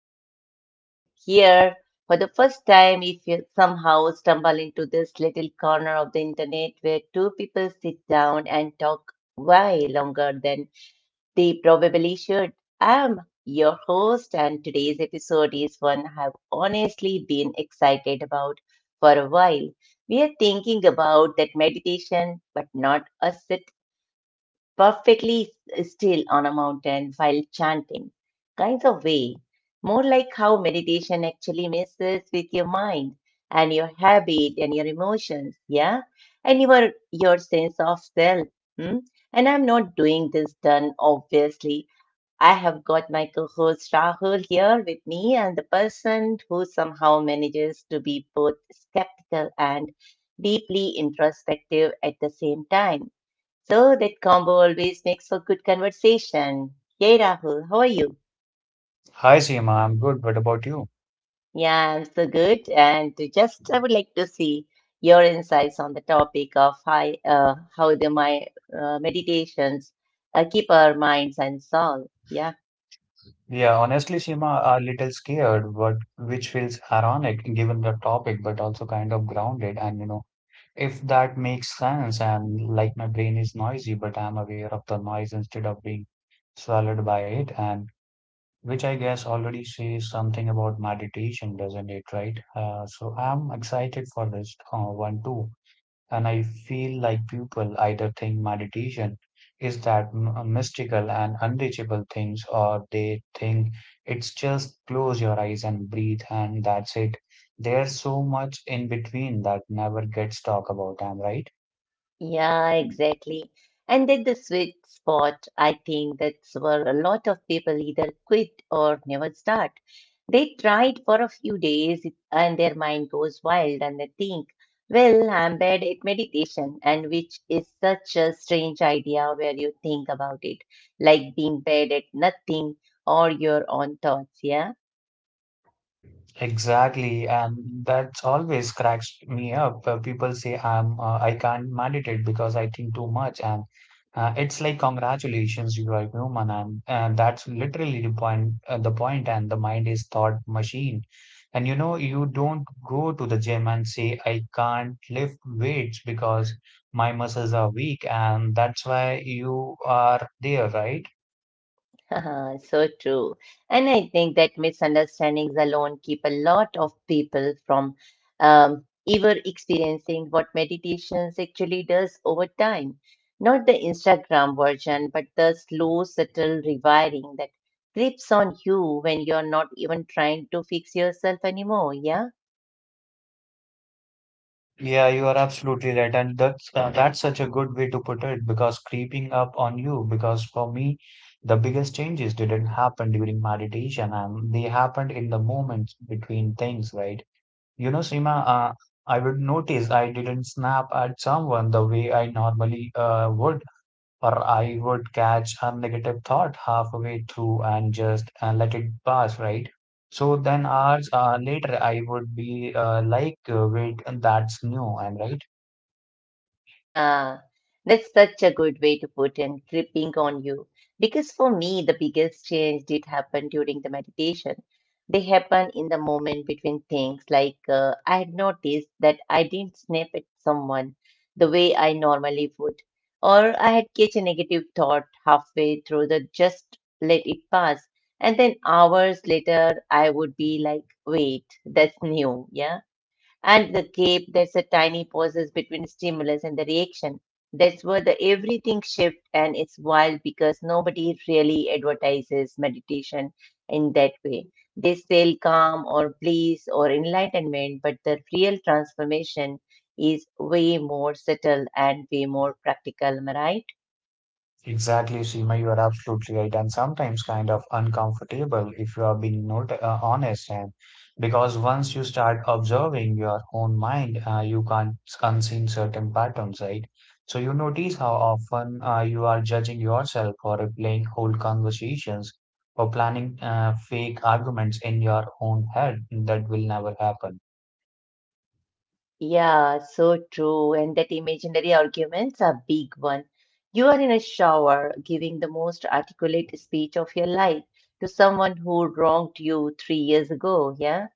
back. And here, for the first time, if you somehow stumble into this little corner of the internet where two people sit down and talk way longer than they probably should, I'm your host, and today's episode is one I've honestly been excited about for a while. We are thinking about that meditation, but not a sit perfectly still on a mountain while chanting Kinds of way, more like how meditation actually messes with your mind and your habit and your emotions, yeah, and your sense of self. Hmm? And I'm not doing this done obviously. I have got my co-host Rahul here with me, and the person who somehow manages to be both skeptical and deeply introspective at the same time. So that combo always makes for good conversation. Yay, Rahul, how are you? Hi Seema, I'm good. What about you? Yeah, I'm so good. And to just I would like to see your insights on the topic of how the my meditations keep our minds and soul. Yeah. Yeah, honestly, Seema, a little scared, but which feels ironic given the topic, but also kind of grounded. If that makes sense, and like my brain is noisy, but I'm aware of the noise instead of being swallowed by it, and which I guess already says something about meditation, doesn't it? Right? So I'm excited for this one too. And I feel like people either think meditation is that mystical and unreachable things, or they think it's just close your eyes and breathe and that's it. There's so much in between that never gets talked about, am I right? Yeah, exactly. And at the sweet spot, I think that's where a lot of people either quit or never start. They tried for a few days and their mind goes wild and they think, well, I'm bad at meditation, and which is such a strange idea where you think about it, like being bad at nothing or your own thoughts, yeah? Exactly, and that's always cracks me up. People say I can't manage it because I think too much, and it's like congratulations, you are human, and that's literally the point. And the mind is thought machine, and you know you don't go to the gym and say I can't lift weights because my muscles are weak, and that's why you are there, right? So true. And I think that misunderstandings alone keep a lot of people from ever experiencing what meditations actually does over time. Not the Instagram version, but the slow, subtle rewiring that grips on you when you're not even trying to fix yourself anymore. Yeah. Yeah, you are absolutely right, and that's such a good way to put it because creeping up on you. Because for me, the biggest changes didn't happen during meditation, and they happened in the moments between things, right? You know, Seema, I would notice I didn't snap at someone the way I normally would, or I would catch a negative thought halfway through and just let it pass, right? So then hours later, I would be like, wait, that's new, I'm right. Yeah, that's such a good way to put and gripping on you. Because for me, the biggest change did happen during the meditation. They happen in the moment between things. Like I had noticed that I didn't snap at someone the way I normally would, or I had catch a negative thought halfway through the just let it pass, and then hours later I would be like, wait, that's new, yeah. And the gap that's a tiny pauses between stimulus and the reaction. That's where the everything shift and it's wild because nobody really advertises meditation in that way. They sell calm or bliss or enlightenment, but the real transformation is way more subtle and way more practical, Am Mariah. Exactly, Seema, you are absolutely right, and sometimes kind of uncomfortable if you are being not honest, and because once you start observing your own mind, you can't unseen certain patterns, right? So you notice how often you are judging yourself or replaying whole conversations or planning fake arguments in your own head that will never happen. Yeah, so true. And that imaginary arguments are big one. You are in a shower giving the most articulate speech of your life to someone who wronged you 3 years ago. Yeah,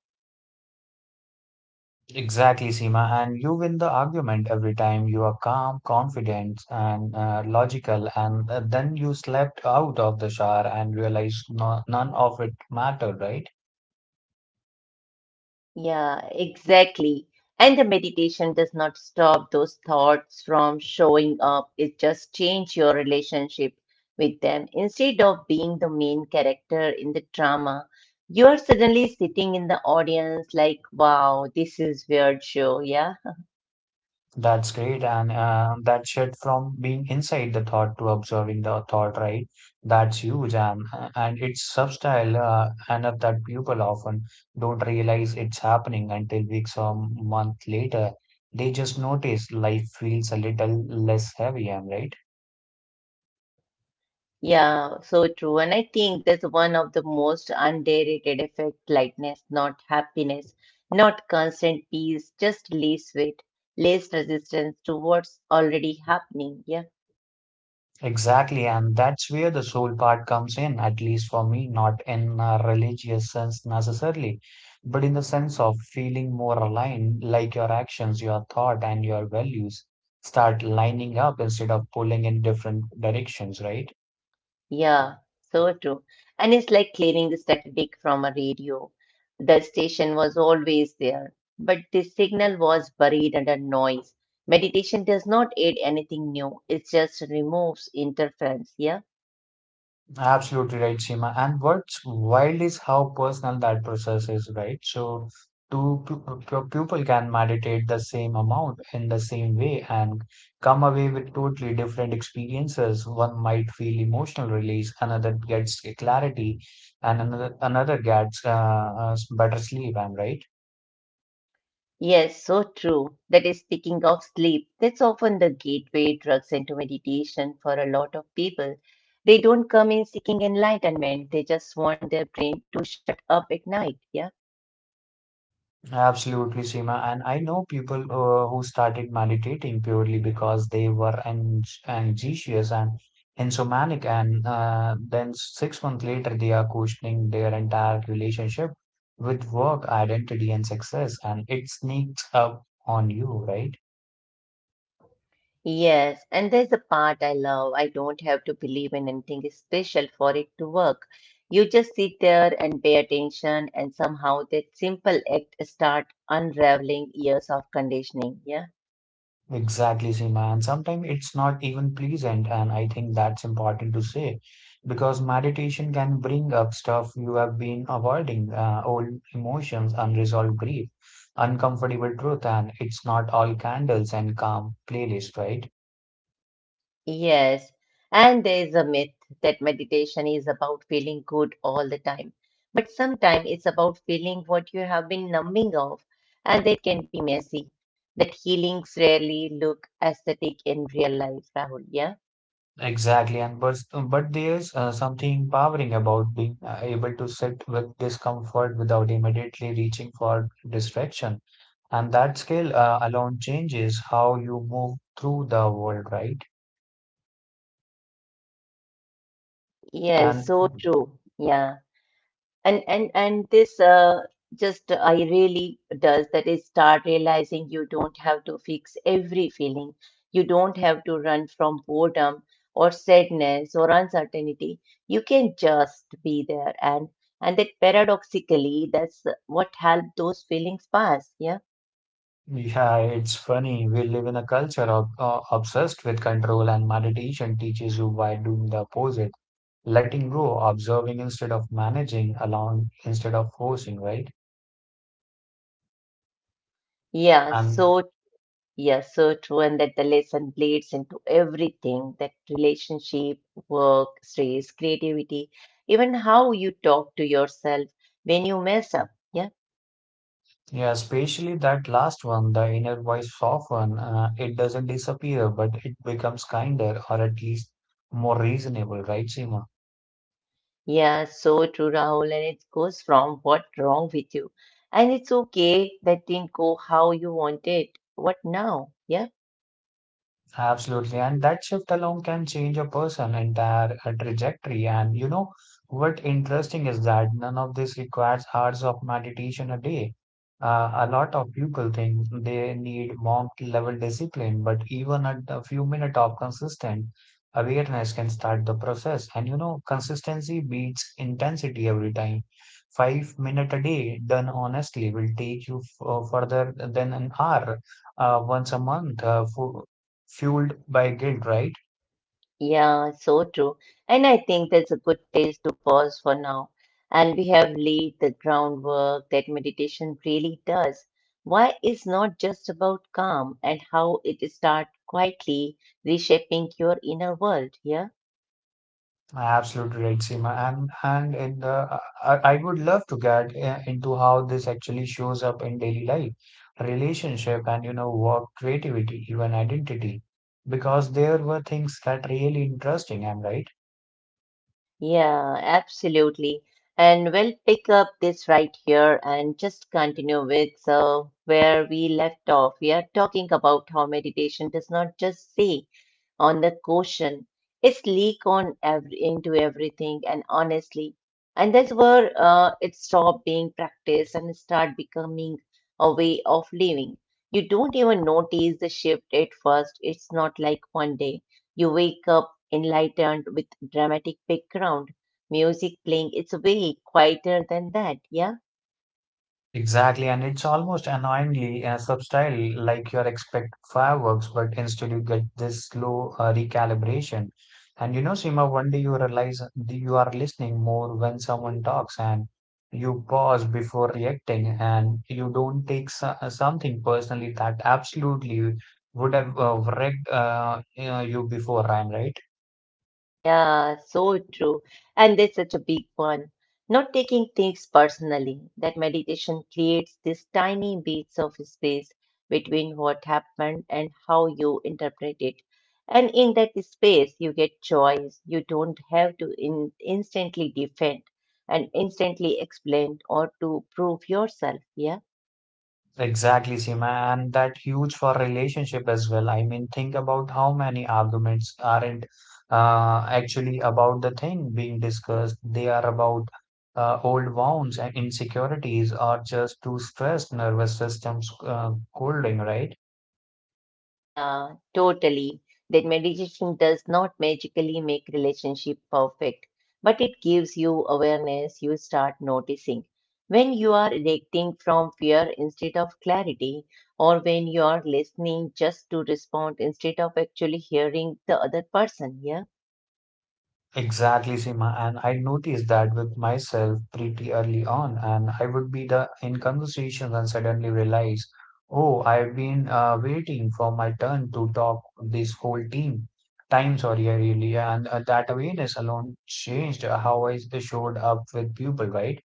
Exactly, Seema. And you win the argument every time you are calm, confident, and logical. And then you slept out of the shower and realized no, none of it mattered, right? yeah, exactly. And the meditation does not stop those thoughts from showing up. It just change your relationship with them. Instead of being the main character in the drama, you are suddenly sitting in the audience like, wow, this is weird show. Yeah. That's great. And that shift from being inside the thought to observing the thought, right? That's huge. And and it's subtle enough that people often don't realize it's happening until weeks or month later. They just notice life feels a little less heavy, am I right? Yeah, so true. And I think that's one of the most underrated effect, lightness, not happiness, not constant peace, just less weight, less resistance to what's already happening. Yeah, Exactly, and that's where the soul part comes in, at least for me, not in a religious sense necessarily, but in the sense of feeling more aligned, like your actions, your thought, and your values start lining up instead of pulling in different directions, right? yeah, so true. And it's like clearing the static from a radio. The station was always there, but the signal was buried under noise. Meditation does not add anything new, it just removes interference. Yeah. Absolutely right, Seema. And what's wild is how personal that process is, right? So, two people can meditate the same amount in the same way and come away with totally different experiences. One might feel emotional release, another gets clarity, and another gets better sleep. I'm right. Yes, so true. That is speaking of sleep. That's often the gateway drugs into meditation for a lot of people. They don't come in seeking enlightenment, they just want their brain to shut up at night. Yeah. Absolutely, Seema. And I know people who started meditating purely because they were ang anxious and insomniac, and then 6 months later, they are questioning their entire relationship with work, identity, and success. And it sneaks up on you, right? Yes, and there's a part I love. I don't have to believe in anything special for it to work. You just sit there and pay attention, and somehow that simple act start unraveling years of conditioning. Yeah. Exactly, Seema. And sometimes it's not even pleasant. And I think that's important to say because meditation can bring up stuff you have been avoiding, old emotions, unresolved grief, uncomfortable truth. And it's not all candles and calm playlist, right? Yes, and there is a myth that meditation is about feeling good all the time. But sometimes it's about feeling what you have been numbing off, and that can be messy. That healings rarely look aesthetic in real life, Rahul. Yeah. Exactly, but there's something empowering about being able to sit with discomfort without immediately reaching for distraction. And that skill alone changes how you move through the world, right? And Yes, so true. Yeah. And this just I really does that is start realizing you don't have to fix every feeling. You don't have to run from boredom or sadness or uncertainty. You can just be there and that paradoxically that's what helped those feelings pass. Yeah. yeah, it's funny. We live in a culture obsessed with control, and meditation teaches you by doing the opposite, letting go, observing instead of managing, allowing instead of forcing, right? Yeah. So And yes, so true, and that the lesson bleeds into everything that relationship, work, stress, creativity, even how you talk to yourself when you mess up. Yeah, yeah, especially that last one, the inner voice soften. It doesn't disappear, but it becomes kinder or at least more reasonable, right, Seema? yeah, so true, Rahul. And it goes from what wrong with you, and it's okay that didn't go how you wanted. What now? Yeah. Absolutely. And that shift alone can change a person entire trajectory. And you know what interesting is that none of this requires hours of meditation a day. A lot of people think they need monk level discipline, but even at a few minutes of consistent awareness can start the process. And you know, consistency beats intensity every time. 5 minutes a day done honestly will take you further than an hour once a month. Fueled by guilt, right? Yeah, so true. And I think that's a good place to pause for now. And we have laid the groundwork that meditation really does. Why is not just about calm and how it start quietly reshaping your inner world, yeah? Absolutely right, Seema. And in the I would love to get into how this actually shows up in daily life, relationship, and you know work, creativity, even identity, because there were things that really interesting. Am I right. Yeah, absolutely. And we'll pick up this right here and just continue with where we left off. We are talking about how meditation does not just say on the caution. It's leak on every, into everything, and honestly, and that's where it stopped being practiced and start becoming a way of living. You don't even notice the shift at first. It's not like one day you wake up enlightened with dramatic background music playing. It's way quieter than that. Yeah. Exactly, and it's almost annoyingly subtle, like you expect fireworks, but instead you get this slow recalibration. And you know, Seema, one day you realize that you are listening more when someone talks, and you pause before reacting, and you don't take something personally that absolutely would have wrecked you before, I'm right? Yeah, so true. And that's such a big one. Not taking things personally, that meditation creates these tiny bits of space between what happened and how you interpret it. And in that space, you get choice. You don't have to in instantly defend and instantly explain or to prove yourself. Yeah. Exactly, Seema, and that huge for relationship as well. I mean, think about how many arguments aren't actually about the thing being discussed. They are about old wounds and insecurities, or just too stressed nervous systems holding, right? Yeah, totally. That meditation does not magically make relationship perfect, but it gives you awareness. You start noticing when you are reacting from fear instead of clarity, or when you are listening just to respond instead of actually hearing the other person. Yeah. Exactly, Seema. And I noticed that with myself pretty early on, and I would be the in conversations and suddenly realize, oh, I've been waiting for my turn to talk this whole team. Time, sorry, I really, and that awareness alone changed how I showed up with people, right?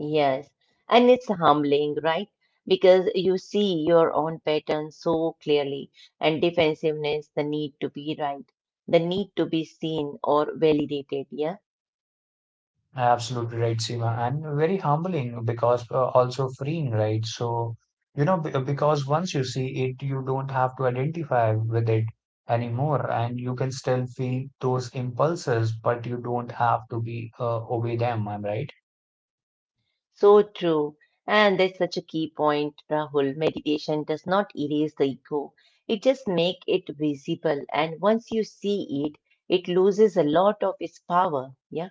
Yes, and it's humbling, right? Because you see your own pattern so clearly, and defensiveness, the need to be right, the need to be seen or validated. Yeah, Absolutely right, Seema, and very humbling because also freeing, right? So, you know, because once you see it, you don't have to identify with it anymore, and you can still feel those impulses, but you don't have to be obey them, am I right? so true. And that's such a key point, Rahul. Meditation does not erase the ego, it just make it visible. And once you see it, it loses a lot of its power. Yeah.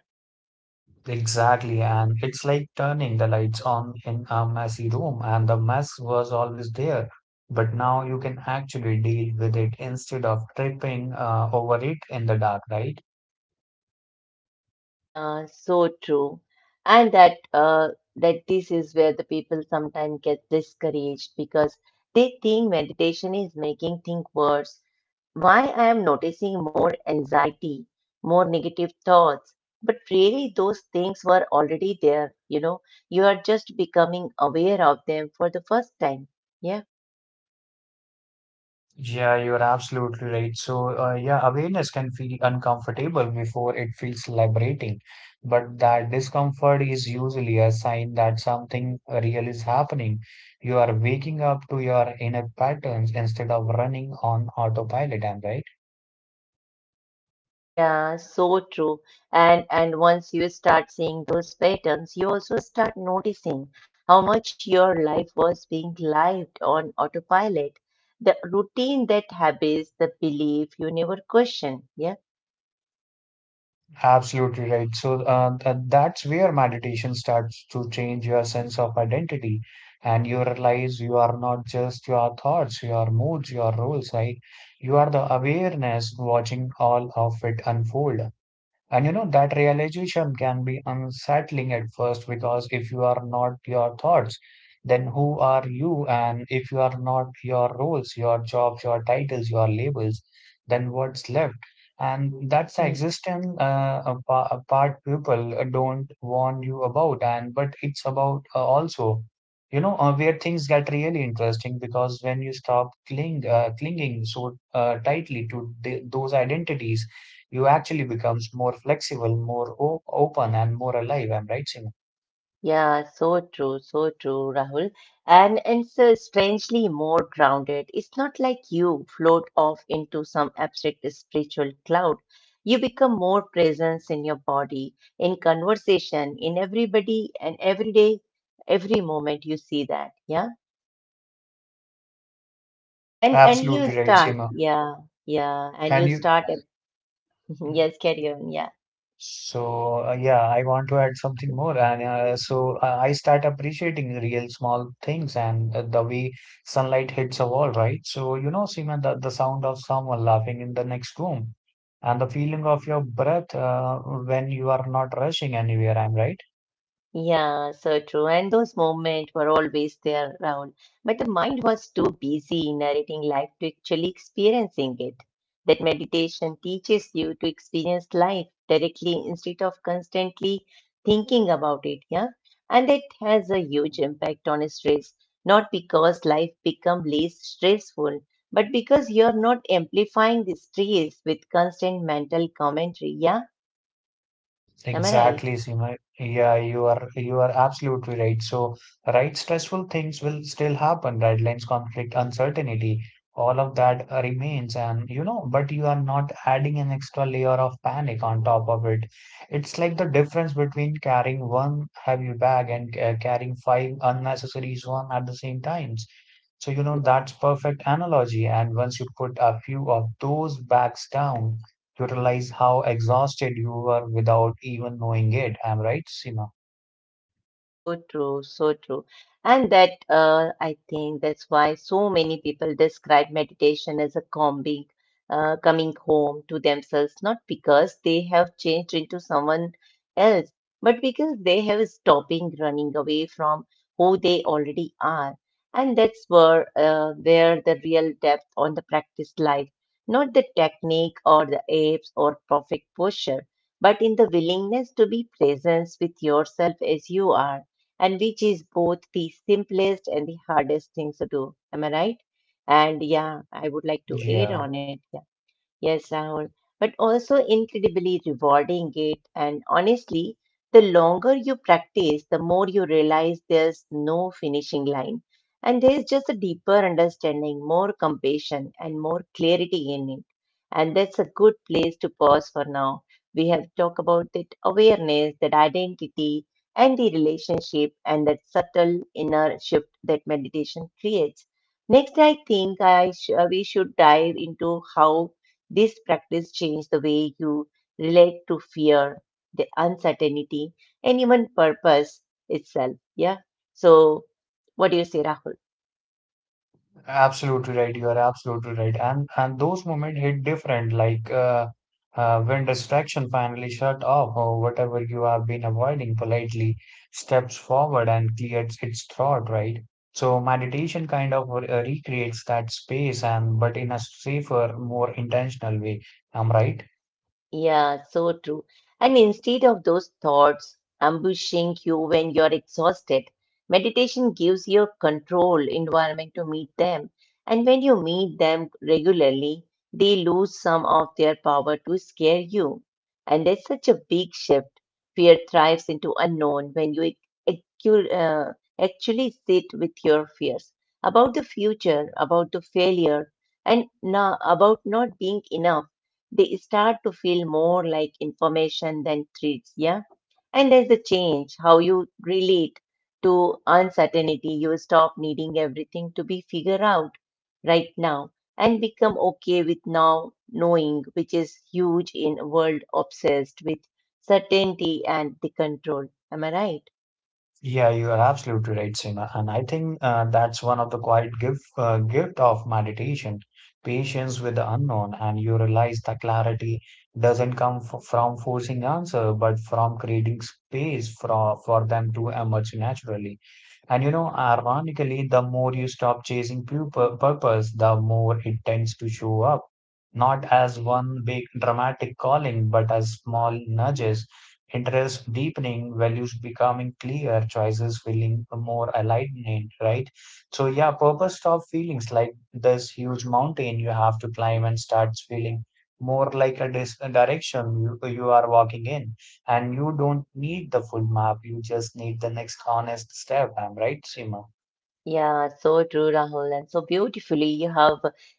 Exactly, and it's like turning the lights on in a messy room, and the mess was always there, but now you can actually deal with it instead of tripping over it in the dark, right? Yeah, so true. And that that this is where the people sometimes get discouraged because they think meditation is making things worse. Why I am noticing more anxiety, more negative thoughts, but really those things were already there, you know. You are just becoming aware of them for the first time. Yeah. Yeah, you're absolutely right. So, yeah, awareness can feel uncomfortable before it feels liberating, but that discomfort is usually a sign that something real is happening. You are waking up to your inner patterns instead of running on autopilot, am I right? Yeah, so true. And once you start seeing those patterns, you also start noticing how much your life was being lived on autopilot. The routine, that habits, the belief you never question. Yeah, Absolutely right. So that's where meditation starts to change your sense of identity, and you realize you are not just your thoughts, your moods, your roles, right? You are the awareness watching all of it unfold. And you know, that realization can be unsettling at first because if you are not your thoughts, then who are you? And if you are not your roles, your jobs, your titles, your labels, then what's left? And that's the yeah. existence, a a part people don't warn you about. And but it's about also, you know, where things get really interesting because when you stop clinging so tightly to those identities, you actually becomes more flexible, open, and more alive. I'm right, Seema. Yeah, so true, Rahul. And so strangely more grounded. It's not like you float off into some abstract spiritual cloud. You become more presence in your body, in conversation, in everybody and every day, every moment you see that. Yeah. And you Absolutely right, start, Seema. yeah, yeah. And you And you, start yes, carry on, yeah. So yeah, I want to add something more, and I start appreciating the real small things and the way sunlight hits a wall, right? So you know, Seema, the sound of someone laughing in the next room, and the feeling of your breath when you are not rushing anywhere. I'm right. Yeah, so true. And those moments were always there, around, but the mind was too busy narrating life to actually experiencing it. That meditation teaches you to experience life directly instead of constantly thinking about it. Yeah. And that has a huge impact on stress, not because life become less stressful, but because you're not amplifying the stress with constant mental commentary. Yeah. Am I right? Exactly, Seema. Yeah, you are absolutely right. So, right, stressful things will still happen. Deadlines, conflict, uncertainty, all of that remains. And you know, but you are not adding an extra layer of panic on top of it. It's like the difference between carrying one heavy bag and carrying five unnecessary one at the same times. So, you know, that's perfect analogy. And once you put a few of those bags down, you realize how exhausted you were without even knowing it. I'm right, Sima? So true, so true. And that, I think that's why so many people describe meditation as a coming home to themselves, not because they have changed into someone else, but because they have stopping running away from who they already are. And that's where the real depth on the practice lies, not the technique or the apes or perfect posture but in the willingness to be present with yourself as you are, and which is both the simplest and the hardest things to do. Am I right? And yeah, I would like to aid Yeah, on it. Yeah. Yes, Rahul, but also incredibly rewarding it. And honestly, the longer you practice, the more you realize there's no finishing line. And there's just a deeper understanding, more compassion, and more clarity in it. And that's a good place to pause for now. We have talked about that awareness, that identity, and the relationship, and that subtle inner shift that meditation creates. Next, I think I sh- we should dive into how this practice changed the way you relate to fear, the uncertainty, and even purpose itself. Yeah. So, what do you say, Rahul? absolutely right. You are absolutely right. And those moments hit different, like when distraction finally shut off or whatever you have been avoiding politely steps forward and clears its throat, right? So meditation kind of recreates that space, and but in a safer, more intentional way. I'm right. Yeah, so true. And instead of those thoughts ambushing you when you're exhausted, meditation gives you a controlled environment to meet them. And when you meet them regularly, they lose some of their power to scare you. And that's such a big shift. Fear thrives into unknown when you accu- uh, actually sit with your fears about the future, about the failure, and now about not being enough they start to feel more like information than threats. Yeah. And as the change, how you relate to uncertainty, you stop needing everything to be figured out right now and become okay with now knowing, which is huge in a world obsessed with certainty and the control. Am I right? Yeah, you are absolutely right, Seema. And I think that's one of the quiet gift of meditation, patience with the unknown. And you realize that clarity doesn't come f from forcing answer, but from creating space for them to emerge naturally. And you know, ironically, the more you stop chasing purpose, the more it tends to show up, not as one big dramatic calling, but as small nudges, interest deepening, values becoming clear, choices feeling more alignment, right? So, yeah, purpose stop feelings like this huge mountain you have to climb and starts feeling more like a direction you are walking in. And you don't need the full map, you just need the next honest step. I'm right, Seema? Yeah, so true, Rahul, and so beautifully you have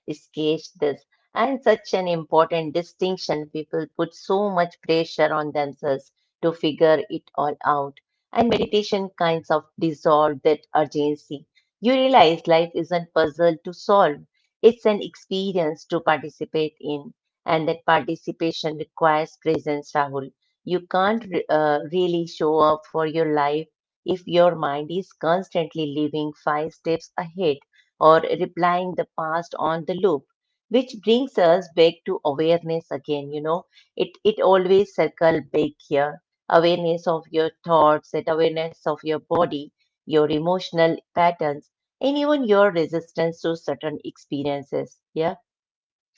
sketched this. And such an important distinction. People put so much pressure on themselves to figure it all out. And meditation kinds of dissolve that urgency. You realize life isn't puzzle to solve. It's an experience to participate in. And that participation requires presence, Rahul. You can't really show up for your life if your mind is constantly living five steps ahead or replying the past on the loop, which brings us back to awareness again, you know, it always circle back here. Awareness of your thoughts, that awareness of your body, your emotional patterns, and even your resistance to certain experiences. Yeah.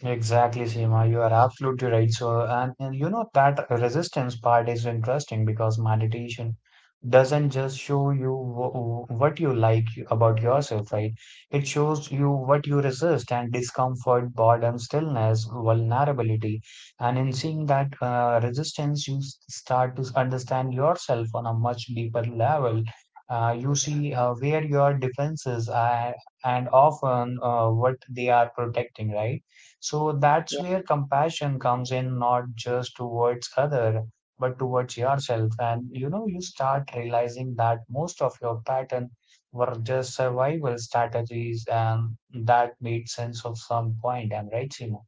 Exactly, Seema. You are absolutely right. So, and you know that resistance part is interesting because meditation doesn't just show you what you like about yourself, right? It shows you what you resist and discomfort, boredom, stillness, vulnerability. And in seeing that resistance, you start to understand yourself on a much deeper level. You see where your defenses are and often what they are protecting, right? So that's where compassion comes in, not just towards other, but towards yourself. And you know, you start realizing that most of your pattern were just survival strategies, and that made sense of some point. I'm right, Seema?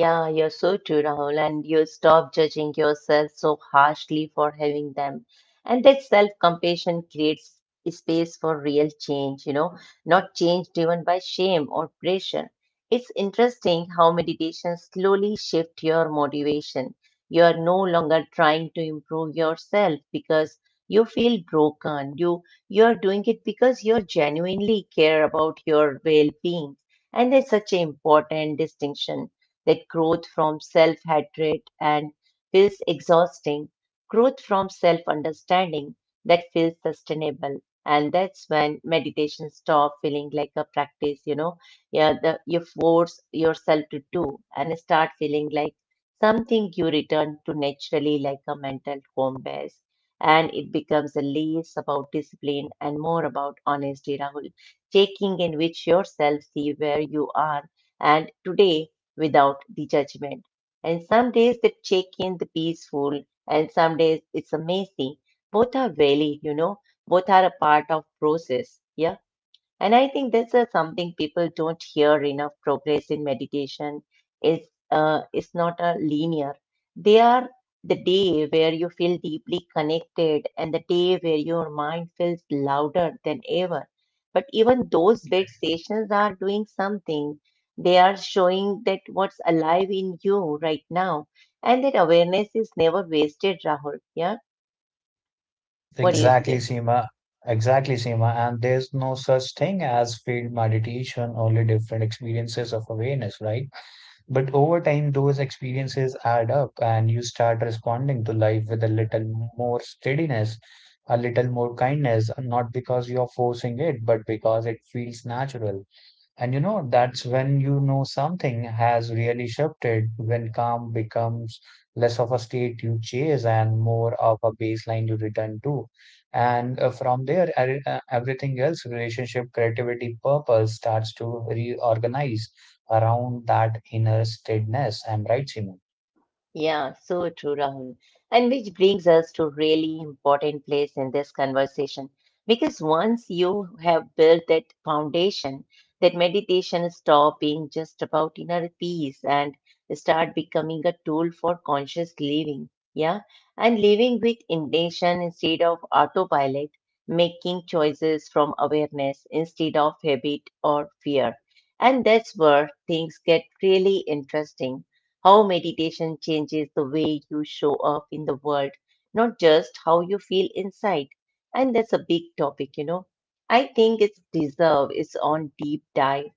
Yeah, you're so true, Rahul, and you stop judging yourself so harshly for having them. And that self-compassion creates space for real change, you know, not change driven by shame or pressure. It's interesting how meditation slowly shifts your motivation. You are no longer trying to improve yourself because you feel broken. You are doing it because you genuinely care about your well-being. And that's such an important distinction that growth from self hatred and feels exhausting, growth from self understanding that feels sustainable. And that's when meditation stop feeling like a practice, you know, yeah, the, you force yourself to do and start feeling like something you return to naturally like a mental home base. And it becomes less about discipline and more about honesty, Rahul, checking in with yourself, see where you are. And today, without the judgment. And some days they check in the peaceful, and some days it's amazing. Both are valid, you know, both are a part of process. Yeah. And I think this is something people don't hear enough. Progress in meditation is is not a linear. They are the day where you feel deeply connected and the day where your mind feels louder than ever. But even those big stations are doing something. They are showing that what's alive in you right now, and that awareness is never wasted. Rahul, yeah, what do you Exactly, say? Seema. Exactly, Seema. And there's no such thing as field meditation, only different experiences of awareness, right? But over time, those experiences add up and you start responding to life with a little more steadiness, a little more kindness, not because you're forcing it, but because it feels natural. And you know, that's when you know something has really shifted, when calm becomes less of a state you chase and more of a baseline you return to. And from there, everything else, relationship, creativity, purpose starts to reorganize around that inner steadiness. I'm right, Simon. Yeah, so true, Rahul. And which brings us to really important place in this conversation. Because once you have built that foundation, that meditation stop being just about inner peace and start becoming a tool for conscious living. Yeah. And living with intention instead of autopilot, making choices from awareness instead of habit or fear. And that's where things get really interesting how meditation changes the way you show up in the world, not just how you feel inside. And that's a big topic, you know. I think it's deserve its own deep dive.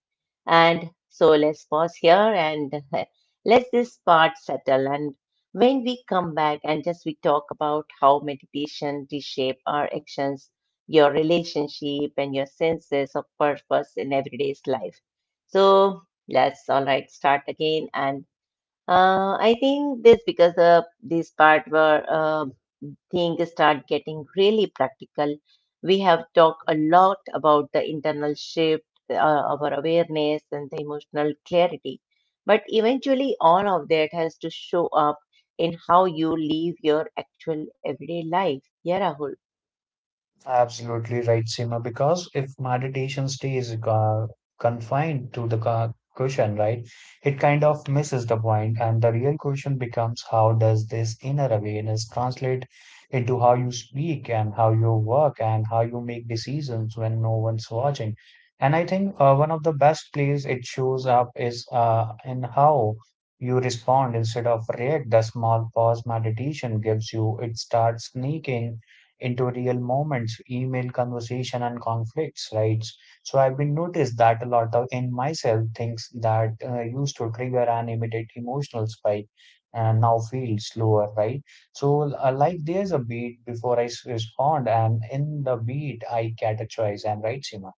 And so let's pause here and let this part settle. And when we come back and just we talk about how meditation reshape our actions, your relationship and your senses of purpose in everyday's life. So let's all right start again and I think this because this part where things start getting really practical. We have talked a lot about the internal shift, our awareness, and the emotional clarity. But eventually, all of that has to show up in how you live your actual everyday life. Yeah, Rahul. Absolutely right, Seema, because if meditation stays confined to the cushion, right, it kind of misses the point, and the real question becomes how does this inner awareness translate into how you speak and how you work and how you make decisions when no one's watching? And I think one of the best places it shows up is in how you respond instead of react. The small pause meditation gives you, it starts sneaking into real moments, email conversation and conflicts, right? So I've been noticed that a lot of in myself things that used to trigger an immediate emotional spike and now feel slower, right? So like there's a beat before I respond, and in the beat I categorize. I'm right, Sima.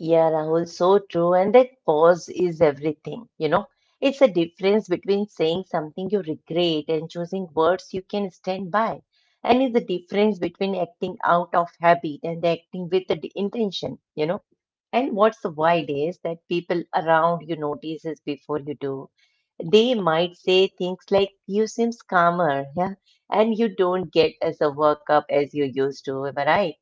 Yeah, Rahul, so true. And that pause is everything, you know. It's a difference between saying something you regret and choosing words you can stand by. And it's the difference between acting out of habit and acting with the intention, you know. And what's wild is that people around you notices before you do. They might say things like, you seems calmer, yeah, and you don't get as a workup as you used to, am I right?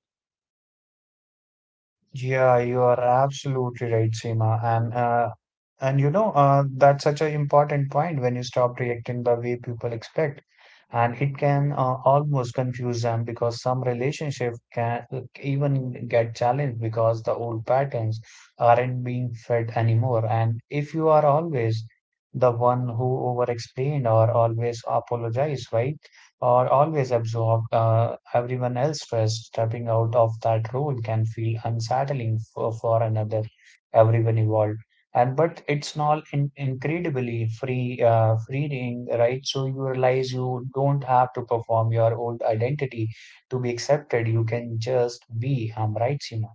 Yeah, you are absolutely right, Seema. And you know, that's such an important point when you stop reacting the way people expect. And it can almost confuse them because some relationship can even get challenged because the old patterns aren't being fed anymore. And if you are always the one who over explain or always apologize, right? Or always absorb everyone else's stress, stepping out of that role can feel unsettling for another, everyone involved and but it's not incredibly free freeing, right? So you realize you don't have to perform your old identity to be accepted, you can just be, um, right, Seema?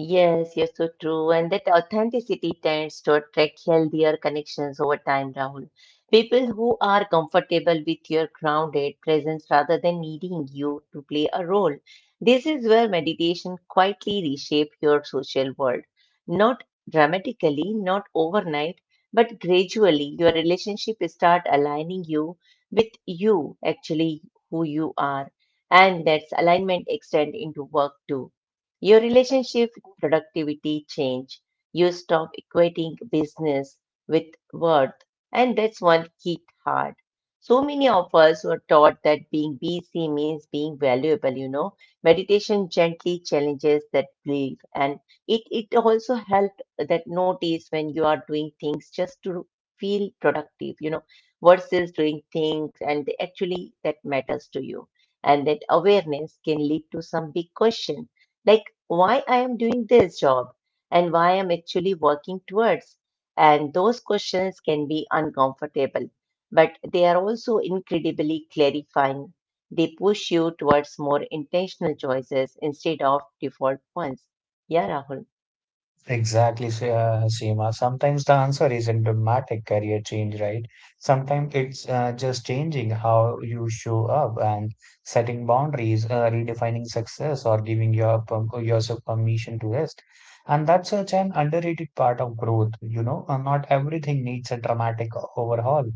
Yes, you're so true. And that authenticity tends to attract healthier connections over time, Rahul. People who are comfortable with your grounded presence rather than needing you to play a role. This is where meditation quietly reshapes your social world. Not dramatically, not overnight, but gradually your relationship start aligning you with you, actually who you are. And that's alignment extend into work too. Your relationship with productivity change. You stop equating business with worth, and that's one hit hard. So many of us were taught that being busy means being valuable, you know. Meditation gently challenges that belief, and it also helped that notice when you are doing things just to feel productive, you know, versus doing things and they actually that matters to you. And that awareness can lead to some big question like why I am doing this job and why I'm actually working towards. And those questions can be uncomfortable, but they are also incredibly clarifying. They push you towards more intentional choices instead of default ones. Yeah, Rahul. Seema. Sometimes the answer isn't dramatic career change, right? Sometimes it's just changing how you show up and setting boundaries, redefining success, or giving your yourself permission to rest. And that's such an underrated part of growth, you know. Not everything needs a dramatic overhaul.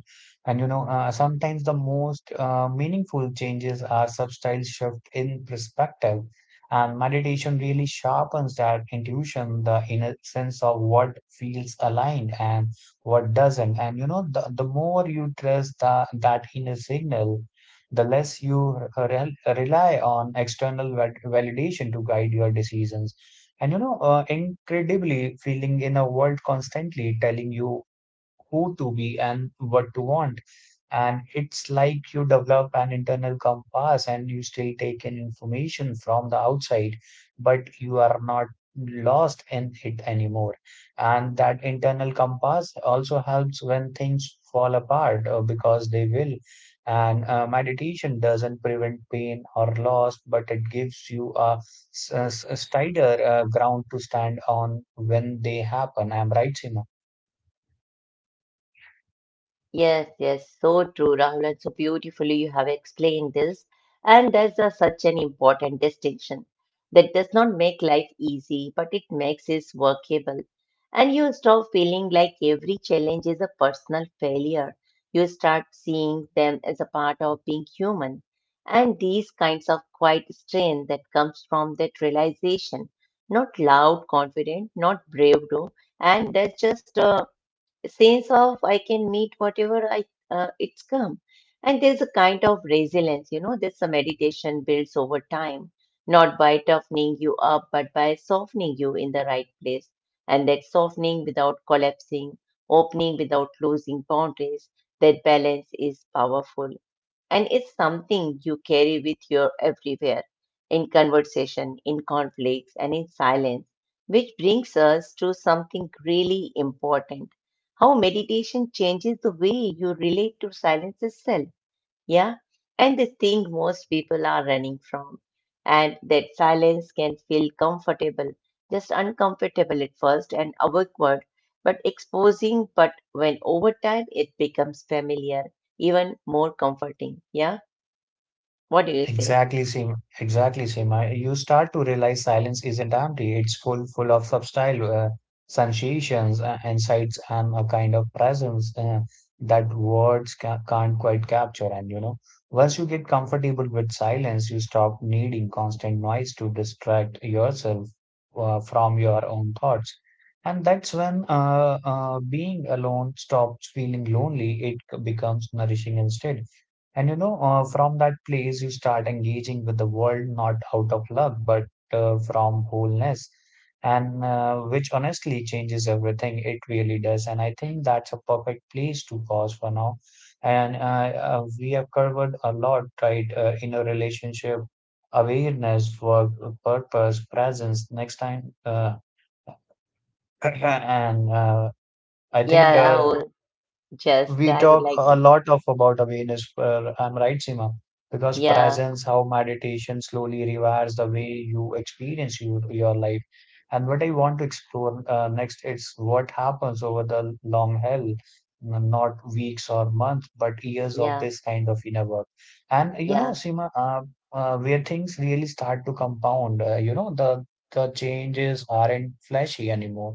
And you know, sometimes the most meaningful changes are subtle shift in perspective and meditation really sharpens that intuition, the inner sense of what feels aligned and what doesn't. And you know, the more you trust that inner signal, the less you rely on external validation to guide your decisions. And you know, incredibly, feeling in a world constantly telling you who to be and what to want. And it's like you develop an internal compass and you still take in information from the outside, but you are not lost in it anymore. And that internal compass also helps when things fall apart because they will. And meditation doesn't prevent pain or loss, but it gives you a steadier ground to stand on when they happen. I'm right, Sima? Yes, yes, so true, Rahul, and so beautifully you have explained this. And there's a, such an important distinction that does not make life easy, but it makes it workable. And you stop feeling like every challenge is a personal failure. You start seeing them as a part of being human. And these kinds of quiet strength that comes from that realization, not loud, confident, not brave, though, and that's just sense of I can meet whatever I it's come. And there's a kind of resilience, you know, this meditation builds over time, not by toughening you up, but by softening you in the right place. And that softening without collapsing, opening without losing boundaries, that balance is powerful. And it's something you carry with you everywhere, in conversation, in conflicts, and in silence, which brings us to something really important, how meditation changes the way you relate to silence itself. Yeah. And the thing most people are running from. And that silence can feel comfortable, just uncomfortable at first and awkward, but exposing. But when over time it becomes familiar, even more comforting. Yeah. What do you say? Exactly same. I, you start to realize silence isn't empty. It's full, full of subtle sensations, insights, and a kind of presence that words ca can't quite capture. And you know, once you get comfortable with silence, you stop needing constant noise to distract yourself from your own thoughts. And that's when being alone stops feeling lonely. It becomes nourishing instead. And you know, from that place, you start engaging with the world not out of luck, but from wholeness, and which honestly changes everything. It really does. And I think that's a perfect place to pause for now. And We have covered a lot, right? In a relationship, awareness, work, purpose, presence, next time. And I think Yeah, Rahul, just we I would talk like a to. lot of about awareness, I'm right, Sima, because Yeah, presence, how meditation slowly rewires the way you experience your life. And what I want to explore next is what happens over the long haul, not weeks or months but years of yeah, this kind of inner work. And you know, yeah. Sima, where things really start to compound. You know, the changes aren't flashy anymore,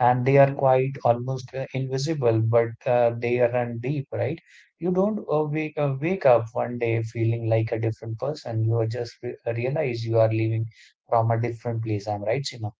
and they are Mhm. quite almost invisible, but they run deep, right? You don't wake up one day feeling like a different person. You are just re realize you are living from a different place. I'm right, Sima?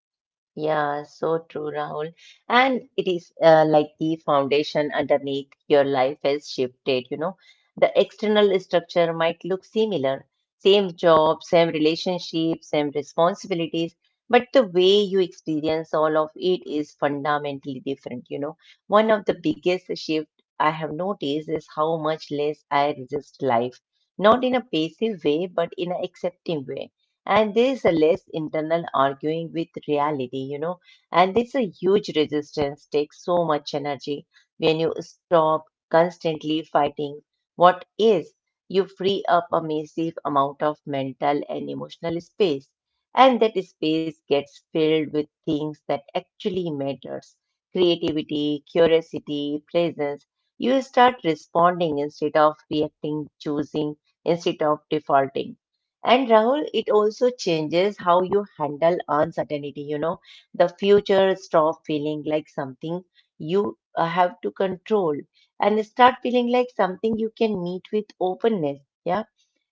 Yeah, so true, Rahul. And it is like the foundation underneath your life has shifted, you know. The external structure might look similar, same job, same relationship, same responsibilities, but the way you experience all of it is fundamentally different, you know. One of the biggest shift I have noticed is how much less I resist life, not in a passive way, but in an accepting way, and there's a less internal arguing with reality, you know, and there's a huge resistance, takes so much energy when you stop constantly fighting what is. You free up a massive amount of mental and emotional space, and that space gets filled with things that actually matters, creativity, curiosity, presence. You start responding instead of reacting, choosing instead of defaulting, and Rahul, it also changes how you handle uncertainty. You know, the future stop feeling like something you have to control and start feeling like something you can meet with openness. Yeah.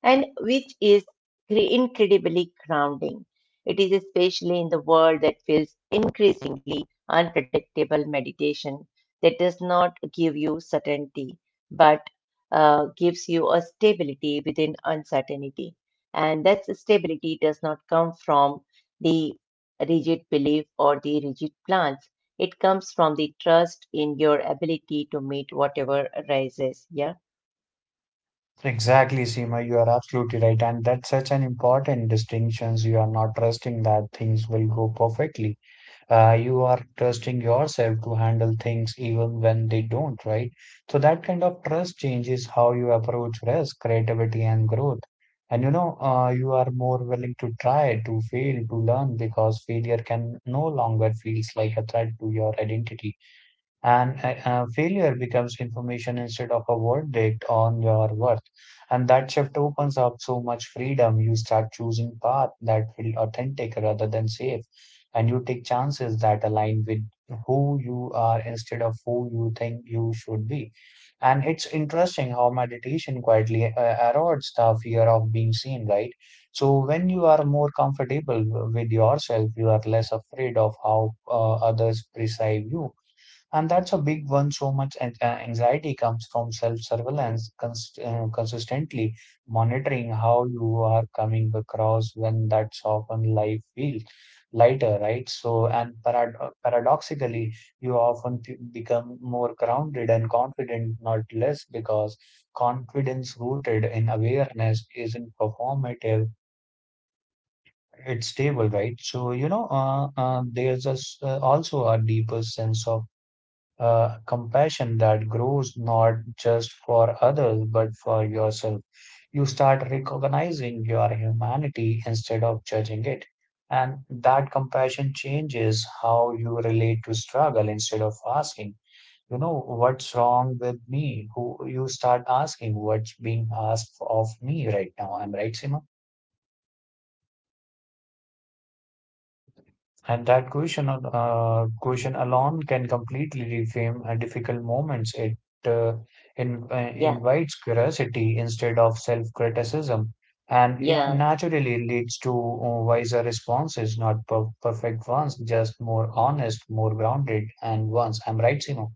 And which is incredibly grounding. It is especially in the world that feels increasingly unpredictable meditation that does not give you certainty, but uh, gives you a stability within uncertainty. And that stability does not come from the rigid belief or the rigid plans. It comes from the trust in your ability to meet whatever arises. Yeah, Exactly, Seema, you are absolutely right. And that's such an important distinction. You are not trusting that things will go perfectly. You are trusting yourself to handle things even when they don't, right? So that kind of trust changes how you approach risk, creativity, and growth. And you know, you are more willing to try, to fail, to learn because failure can no longer feels like a threat to your identity. And Failure becomes information instead of a verdict on your worth, and that shift opens up so much freedom. You start choosing paths that feel authentic rather than safe, and you take chances that align with who you are instead of who you think you should be. And it's interesting how meditation quietly erodes the fear of being seen, right? So when you are more comfortable with yourself, you are less afraid of how others perceive you, and that's a big one. So much anxiety comes from self-surveillance, consistently monitoring how you are coming across when that's often life feels lighter, right? So, and paradoxically, you often p become more grounded and confident, not less, because confidence rooted in awareness isn't performative, it's stable, right? So, you know, there's a s also a deeper sense of compassion that grows not just for others but for yourself. You start recognizing your humanity instead of judging it. And that compassion changes how you relate to struggle. Instead of asking, you know, what's wrong with me? Who you start asking what's being asked of me right now. I'm right, Sima? And that question, question alone can completely reframe difficult moments. Uh, yeah, Invites curiosity instead of self-criticism, and it yeah. naturally leads to wiser responses, not perfect ones, just more honest, more grounded, and ones. I'm right, Simon.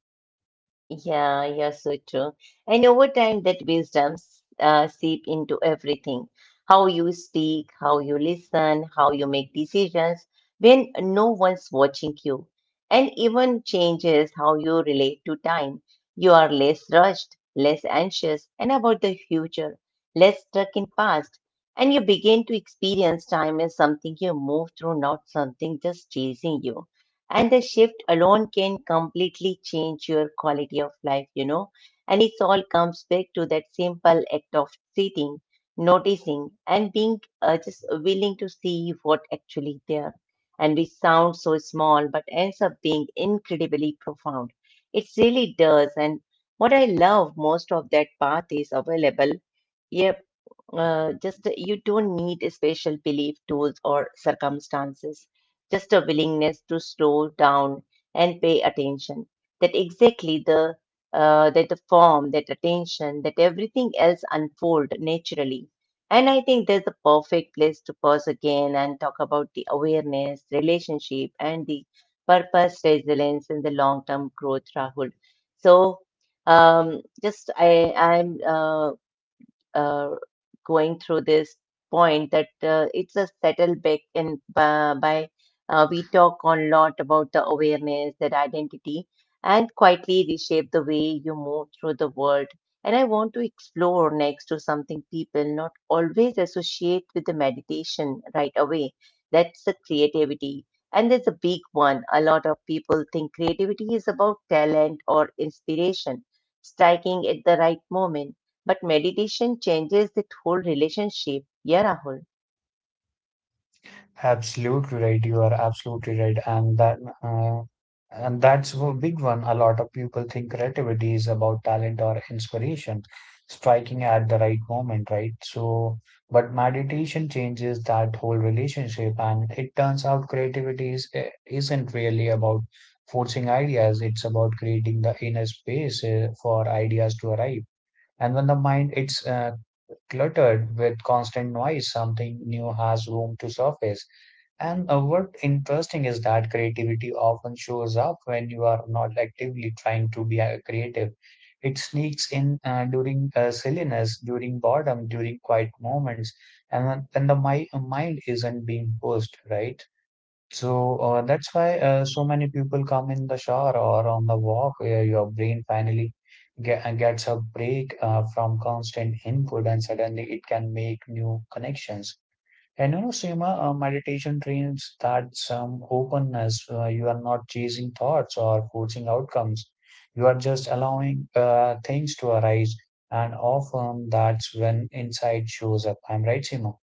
Yeah, yeah, so true. And over time, that wisdom seep into everything. How you speak, how you listen, how you make decisions when no one's watching you, and even changes how you relate to time. You are less rushed, less anxious, and about the future, less stuck in past, and you begin to experience time as something you move through, not something just chasing you. And the shift alone can completely change your quality of life, you know. And it all comes back to that simple act of sitting, noticing, and being just willing to see what actually there. And we sound so small, but ends up being incredibly profound. It really does. And what I love most of that path is available. Yep. Just you don't need a special belief, tools, or circumstances, just a willingness to slow down and pay attention. That exactly the that the form, that attention, that everything else unfold naturally. And I think that's the perfect place to pause again and talk about the awareness, relationship, and the purpose, resilience, and the long-term growth, Rahul. So just I I'm uh, going through this point that it's a settle back in by we talk a lot about the awareness, that identity, and quietly reshape the way you move through the world. And I want to explore next to something people not always associate with the meditation right away. That's the creativity. And there's a big one. A lot of people think creativity is about talent or inspiration, striking at the right moment. But meditation changes that whole relationship. Yeah, Rahul. Absolutely right. You are absolutely right, uh, and that's a big one. A lot of people think creativity is about talent or inspiration, striking at the right moment, right? So, but meditation changes that whole relationship, and it turns out creativity isn't really about forcing ideas. It's about creating the inner space for ideas to arrive. And when the mind it's cluttered with constant noise, something new has room to surface. And what interesting is that creativity often shows up when you are not actively trying to be creative. It sneaks in during silliness, during boredom, during quiet moments, and when the mi mind isn't being pushed, right? So that's why so many people come in the shower or on the walk where your brain finally gets a break from constant input and suddenly it can make new connections. And you know, Seema, meditation trains that some openness. You are not chasing thoughts or forcing outcomes. You are just allowing things to arise. And often that's when insight shows up. I'm right, Seema?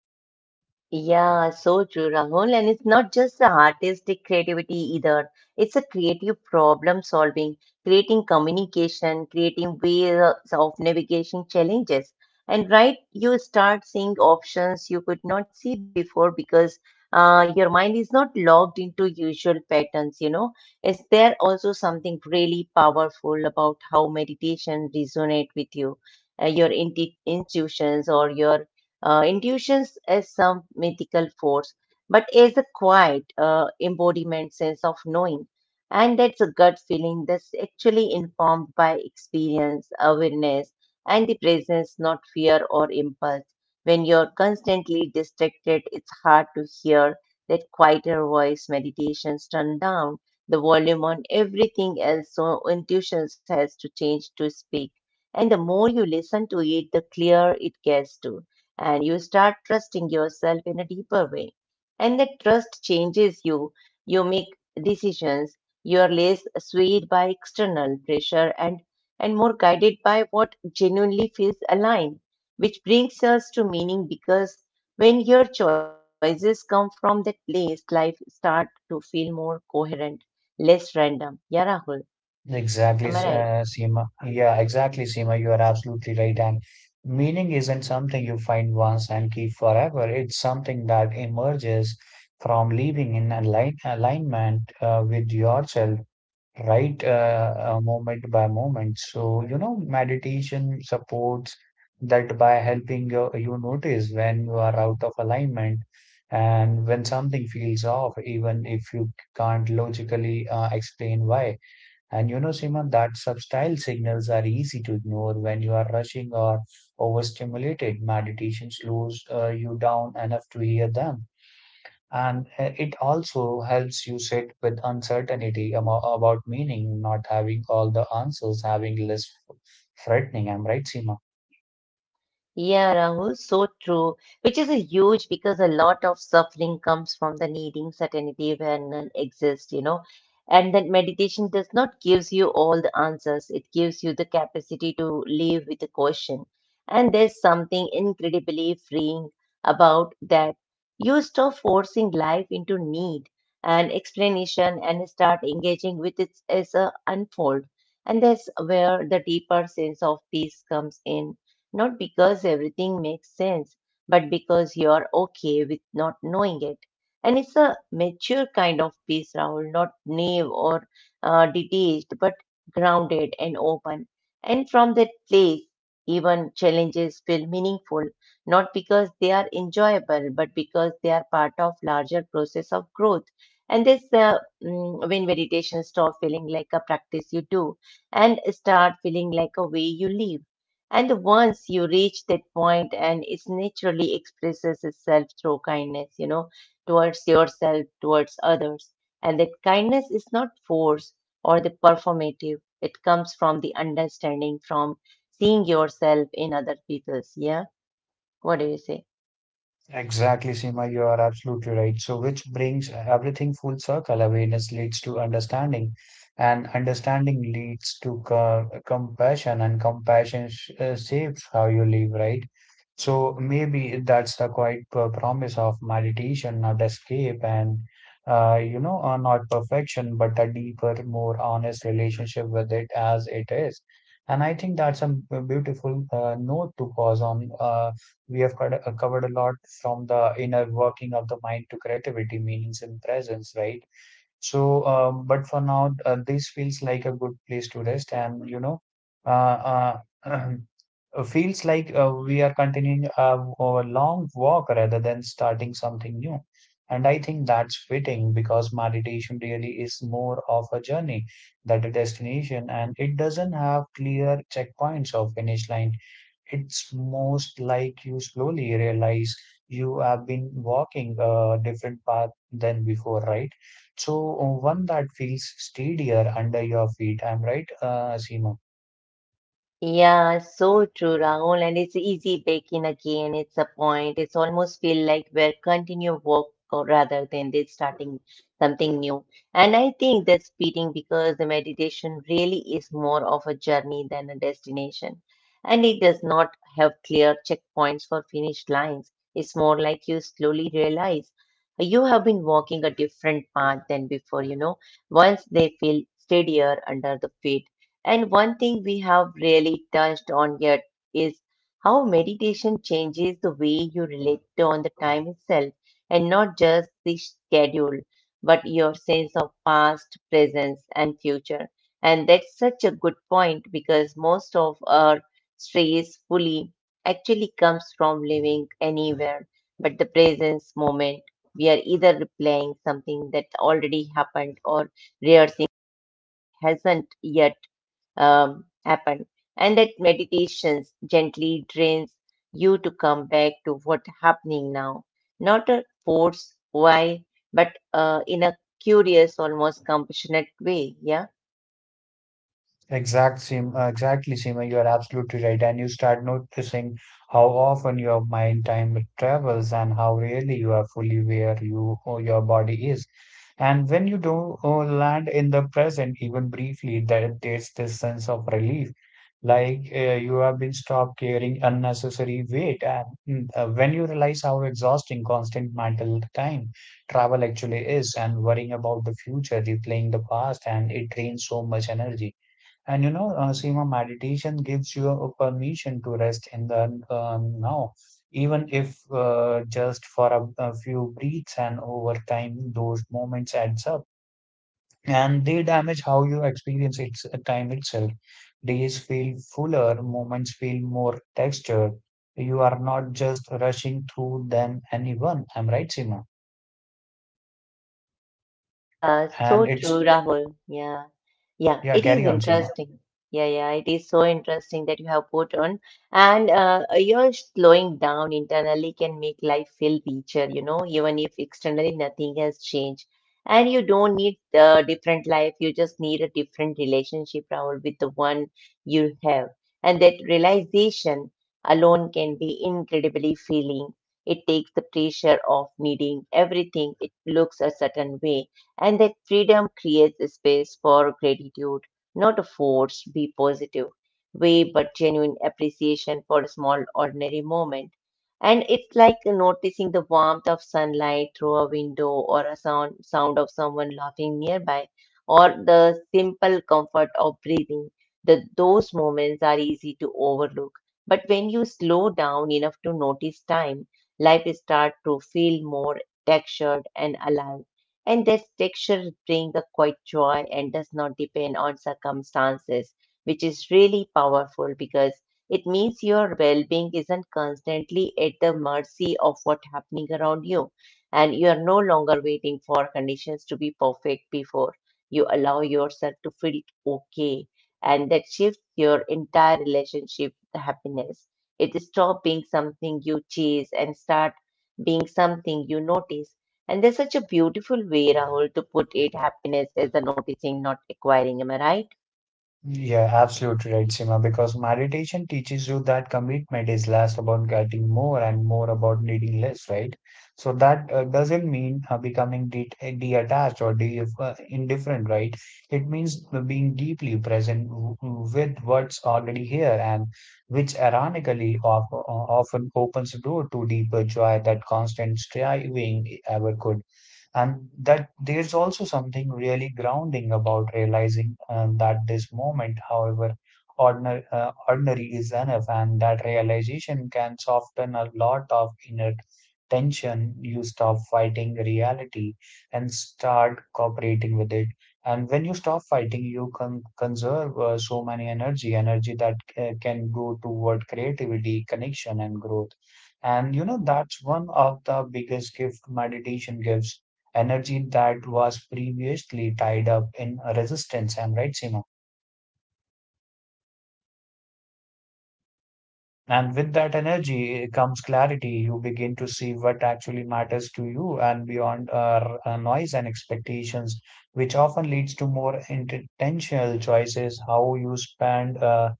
Yeah, so true, Rahul. And it's not just the artistic creativity either. It's a creative problem solving, creating communication, creating ways of navigating challenges. And right, you start seeing options you could not see before because your mind is not locked into usual patterns, you know. Is there also something really powerful about how meditation resonate with you, your intuitions or your intuitions as some mythical force, but as a quiet embodiment sense of knowing. And that's a gut feeling that's actually informed by experience, awareness, and the presence, not fear or impulse. When you're constantly distracted, it's hard to hear that quieter voice. Meditations turn down the volume on everything else, so intuitions has to change to speak. And the more you listen to it, the clearer it gets to and you start trusting yourself in a deeper way. And that trust changes you. You make decisions. You are less swayed by external pressure and more guided by what genuinely feels aligned, which brings us to meaning because when your choices come from that place, life start to feel more coherent, less random. Yeah, Rahul, am I right? Yeah, exactly, Seema. You are absolutely right. And meaning isn't something you find once and keep forever. It's something that emerges from living in alignment with yourself, right, moment by moment. So, you know, meditation supports that by helping you notice when you are out of alignment, and when something feels off, even if you can't logically explain why. And you know, Simon, that subtle signals are easy to ignore when you are rushing or overstimulated. Meditation slows you down enough to hear them, and it also helps you sit with uncertainty about meaning, not having all the answers, having less frightening. I'm right, Seema. Yeah, Rahul, so true, which is a huge because a lot of suffering comes from the needing certainty where none exists, you know. And that meditation does not gives you all the answers. It gives you the capacity to live with a question. And there's something incredibly freeing about that. You stop forcing life into need and explanation and start engaging with it as a unfold. And that's where the deeper sense of peace comes in not because everything makes sense, but because you're okay with not knowing it. And it's a mature kind of peace, Rahul, not naive or detached, but grounded and open. And from that place, even challenges feel meaningful, not because they are enjoyable, but because they are part of larger process of growth. And when meditation stop feeling like a practice you do, and start feeling like a way you live. And once you reach that point, and it naturally expresses itself through kindness, you know, towards yourself, towards others. And that kindness is not force or the performative, it comes from the understanding, from seeing yourself in other people's. Yeah. What do you say? Exactly, Seema, you are absolutely right. So, which brings everything full circle. Awareness leads to understanding, and understanding leads to compassion, and compassion shapes how you live, right? So, maybe that's the quite promise of meditation, not escape, and you know, not perfection, but a deeper, more honest relationship with it as it is. And I think that's a beautiful note to pause on. We have covered, a lot, from the inner working of the mind to creativity, meanings, and presence, right? So, but for now, this feels like a good place to rest, and you know, uh, uh, feels like we are continuing our long walk rather than starting something new. And I think that's fitting because meditation really is more of a journey than a destination, and it doesn't have clear checkpoints or finish line. It's most like you slowly realize you have been walking a different path than before, right? So one that feels steadier under your feet. I'm right, Seema? Yeah, so true, Rahul. And it's easy baking again. It's a point. It's almost feel like we're continue work or rather than they starting something new. And I think that's fitting because the meditation really is more of a journey than a destination. And it does not have clear checkpoints for finished lines. It's more like you slowly realize you have been walking a different path than before, you know. Once they feel steadier under the feet and one thing we have really touched on yet is how meditation changes the way you relate on the time itself and not just the schedule, but your sense of past, presence, and future. And that's such a good point because most of our stress fully actually comes from living anywhere but the presence moment. We are either replaying something that already happened or rehearsing hasn't yet happen, and that meditations gently drains you to come back to what happening now, not a force why, but in a curious, almost compassionate way. Yeah. Exact same, exactly, Seema. You are absolutely right. And you start noticing how often your mind time travels and how rarely you are fully where you or your body is. And when you do land in the present, even briefly, that there's this sense of relief, like you have been stopped carrying unnecessary weight. And when you realize how exhausting constant mental time travel actually is, and worrying about the future, replaying the past, and it drains so much energy. And you know, Seema, meditation gives you a permission to rest in the now, even if just for a few breaths, and over time, those moments adds up, and they damage how you experience it, time itself. Days feel fuller, moments feel more textured. You are not just rushing through them, anyone. I'm right, Seema. Yeah, And so true, it's, Rahul. Yeah, yeah, yeah, it is carry on, Seema. interesting. Yeah, yeah, it is so interesting that you have put on. And your slowing down internally can make life feel richer, even if externally nothing has changed. And you don't need a different life, you just need a different relationship, Rahul, with the one you have. And that realization alone can be incredibly feeling. It takes the pressure off needing everything, it looks a certain way and that freedom creates a space for gratitude, not a forced be positive way, but genuine appreciation for a small ordinary moment. And it's like noticing the warmth of sunlight through a window or a sound of someone laughing nearby or the simple comfort of breathing. Those moments are easy to overlook. But when you slow down enough to notice time, life starts to feel more textured and alive and this texture brings a quiet joy and does not depend on circumstances, which is really powerful because it means your well-being isn't constantly at the mercy of what's happening around you, and you are no longer waiting for conditions to be perfect before you allow yourself to feel okay, and that shifts your entire relationship with happiness. It stops being something you chase and start being something you notice. And there's such a beautiful way, Rahul, to put it happiness is the noticing, not acquiring. Am I right? Yeah, absolutely right, Seema, because meditation teaches you that commitment is less about getting more and more about needing less, right? So that doesn't mean becoming de detached or de indifferent, right? It means being deeply present with what's already here, and which ironically of often opens the door to deeper joy that constant striving ever could. And that there's also something really grounding about realizing that this moment, however ordinary, ordinary is enough, and that realization can soften a lot of inner tension. You stop fighting reality and start cooperating with it, and when you stop fighting you can conserve so many energy that can go toward creativity, connection, and growth. And you know, that's one of the biggest gift meditation gives: energy that was previously tied up in resistance. I'm right, Seema. And with that energy comes clarity. You begin to see what actually matters to you, and beyond noise and expectations, which often leads to more intentional choices. How you spend. Uh,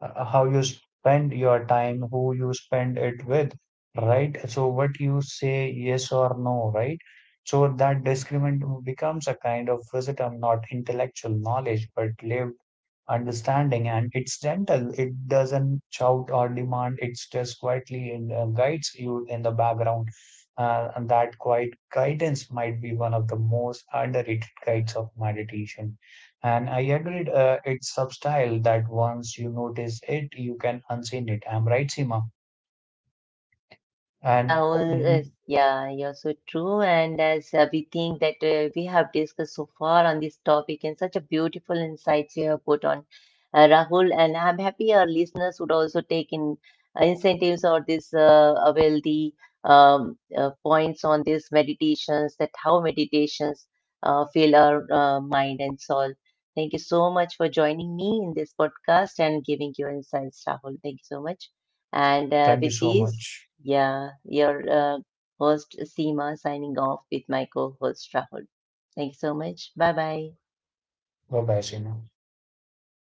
uh, How you spend your time, who you spend it with, right? So what you say yes or no, right? So that discriminant becomes a kind of wisdom, not intellectual knowledge, but lived understanding. And it's gentle, it doesn't shout or demand, it's just quietly guides you in the background, and that quiet guidance might be one of the most underrated guides of meditation. And I agreed, it's subtle that once you notice it you can unseen it. I'm right, Sima? Yeah, And Rahul, mm, is, yeah, you're so true. And as we think that we have discussed so far on this topic and such a beautiful insights you have put on, Rahul, and I'm happy our listeners would also take in incentives or this wealthy um, points on these meditations that how meditations fill our mind and soul. Thank you so much for joining me in this podcast and giving your insights, Rahul. Thank you so much. And thank you with so this, much. yeah, your host Seema signing off with my co-host Rahul. Thank you so much. Bye bye. Bye bye, Sima.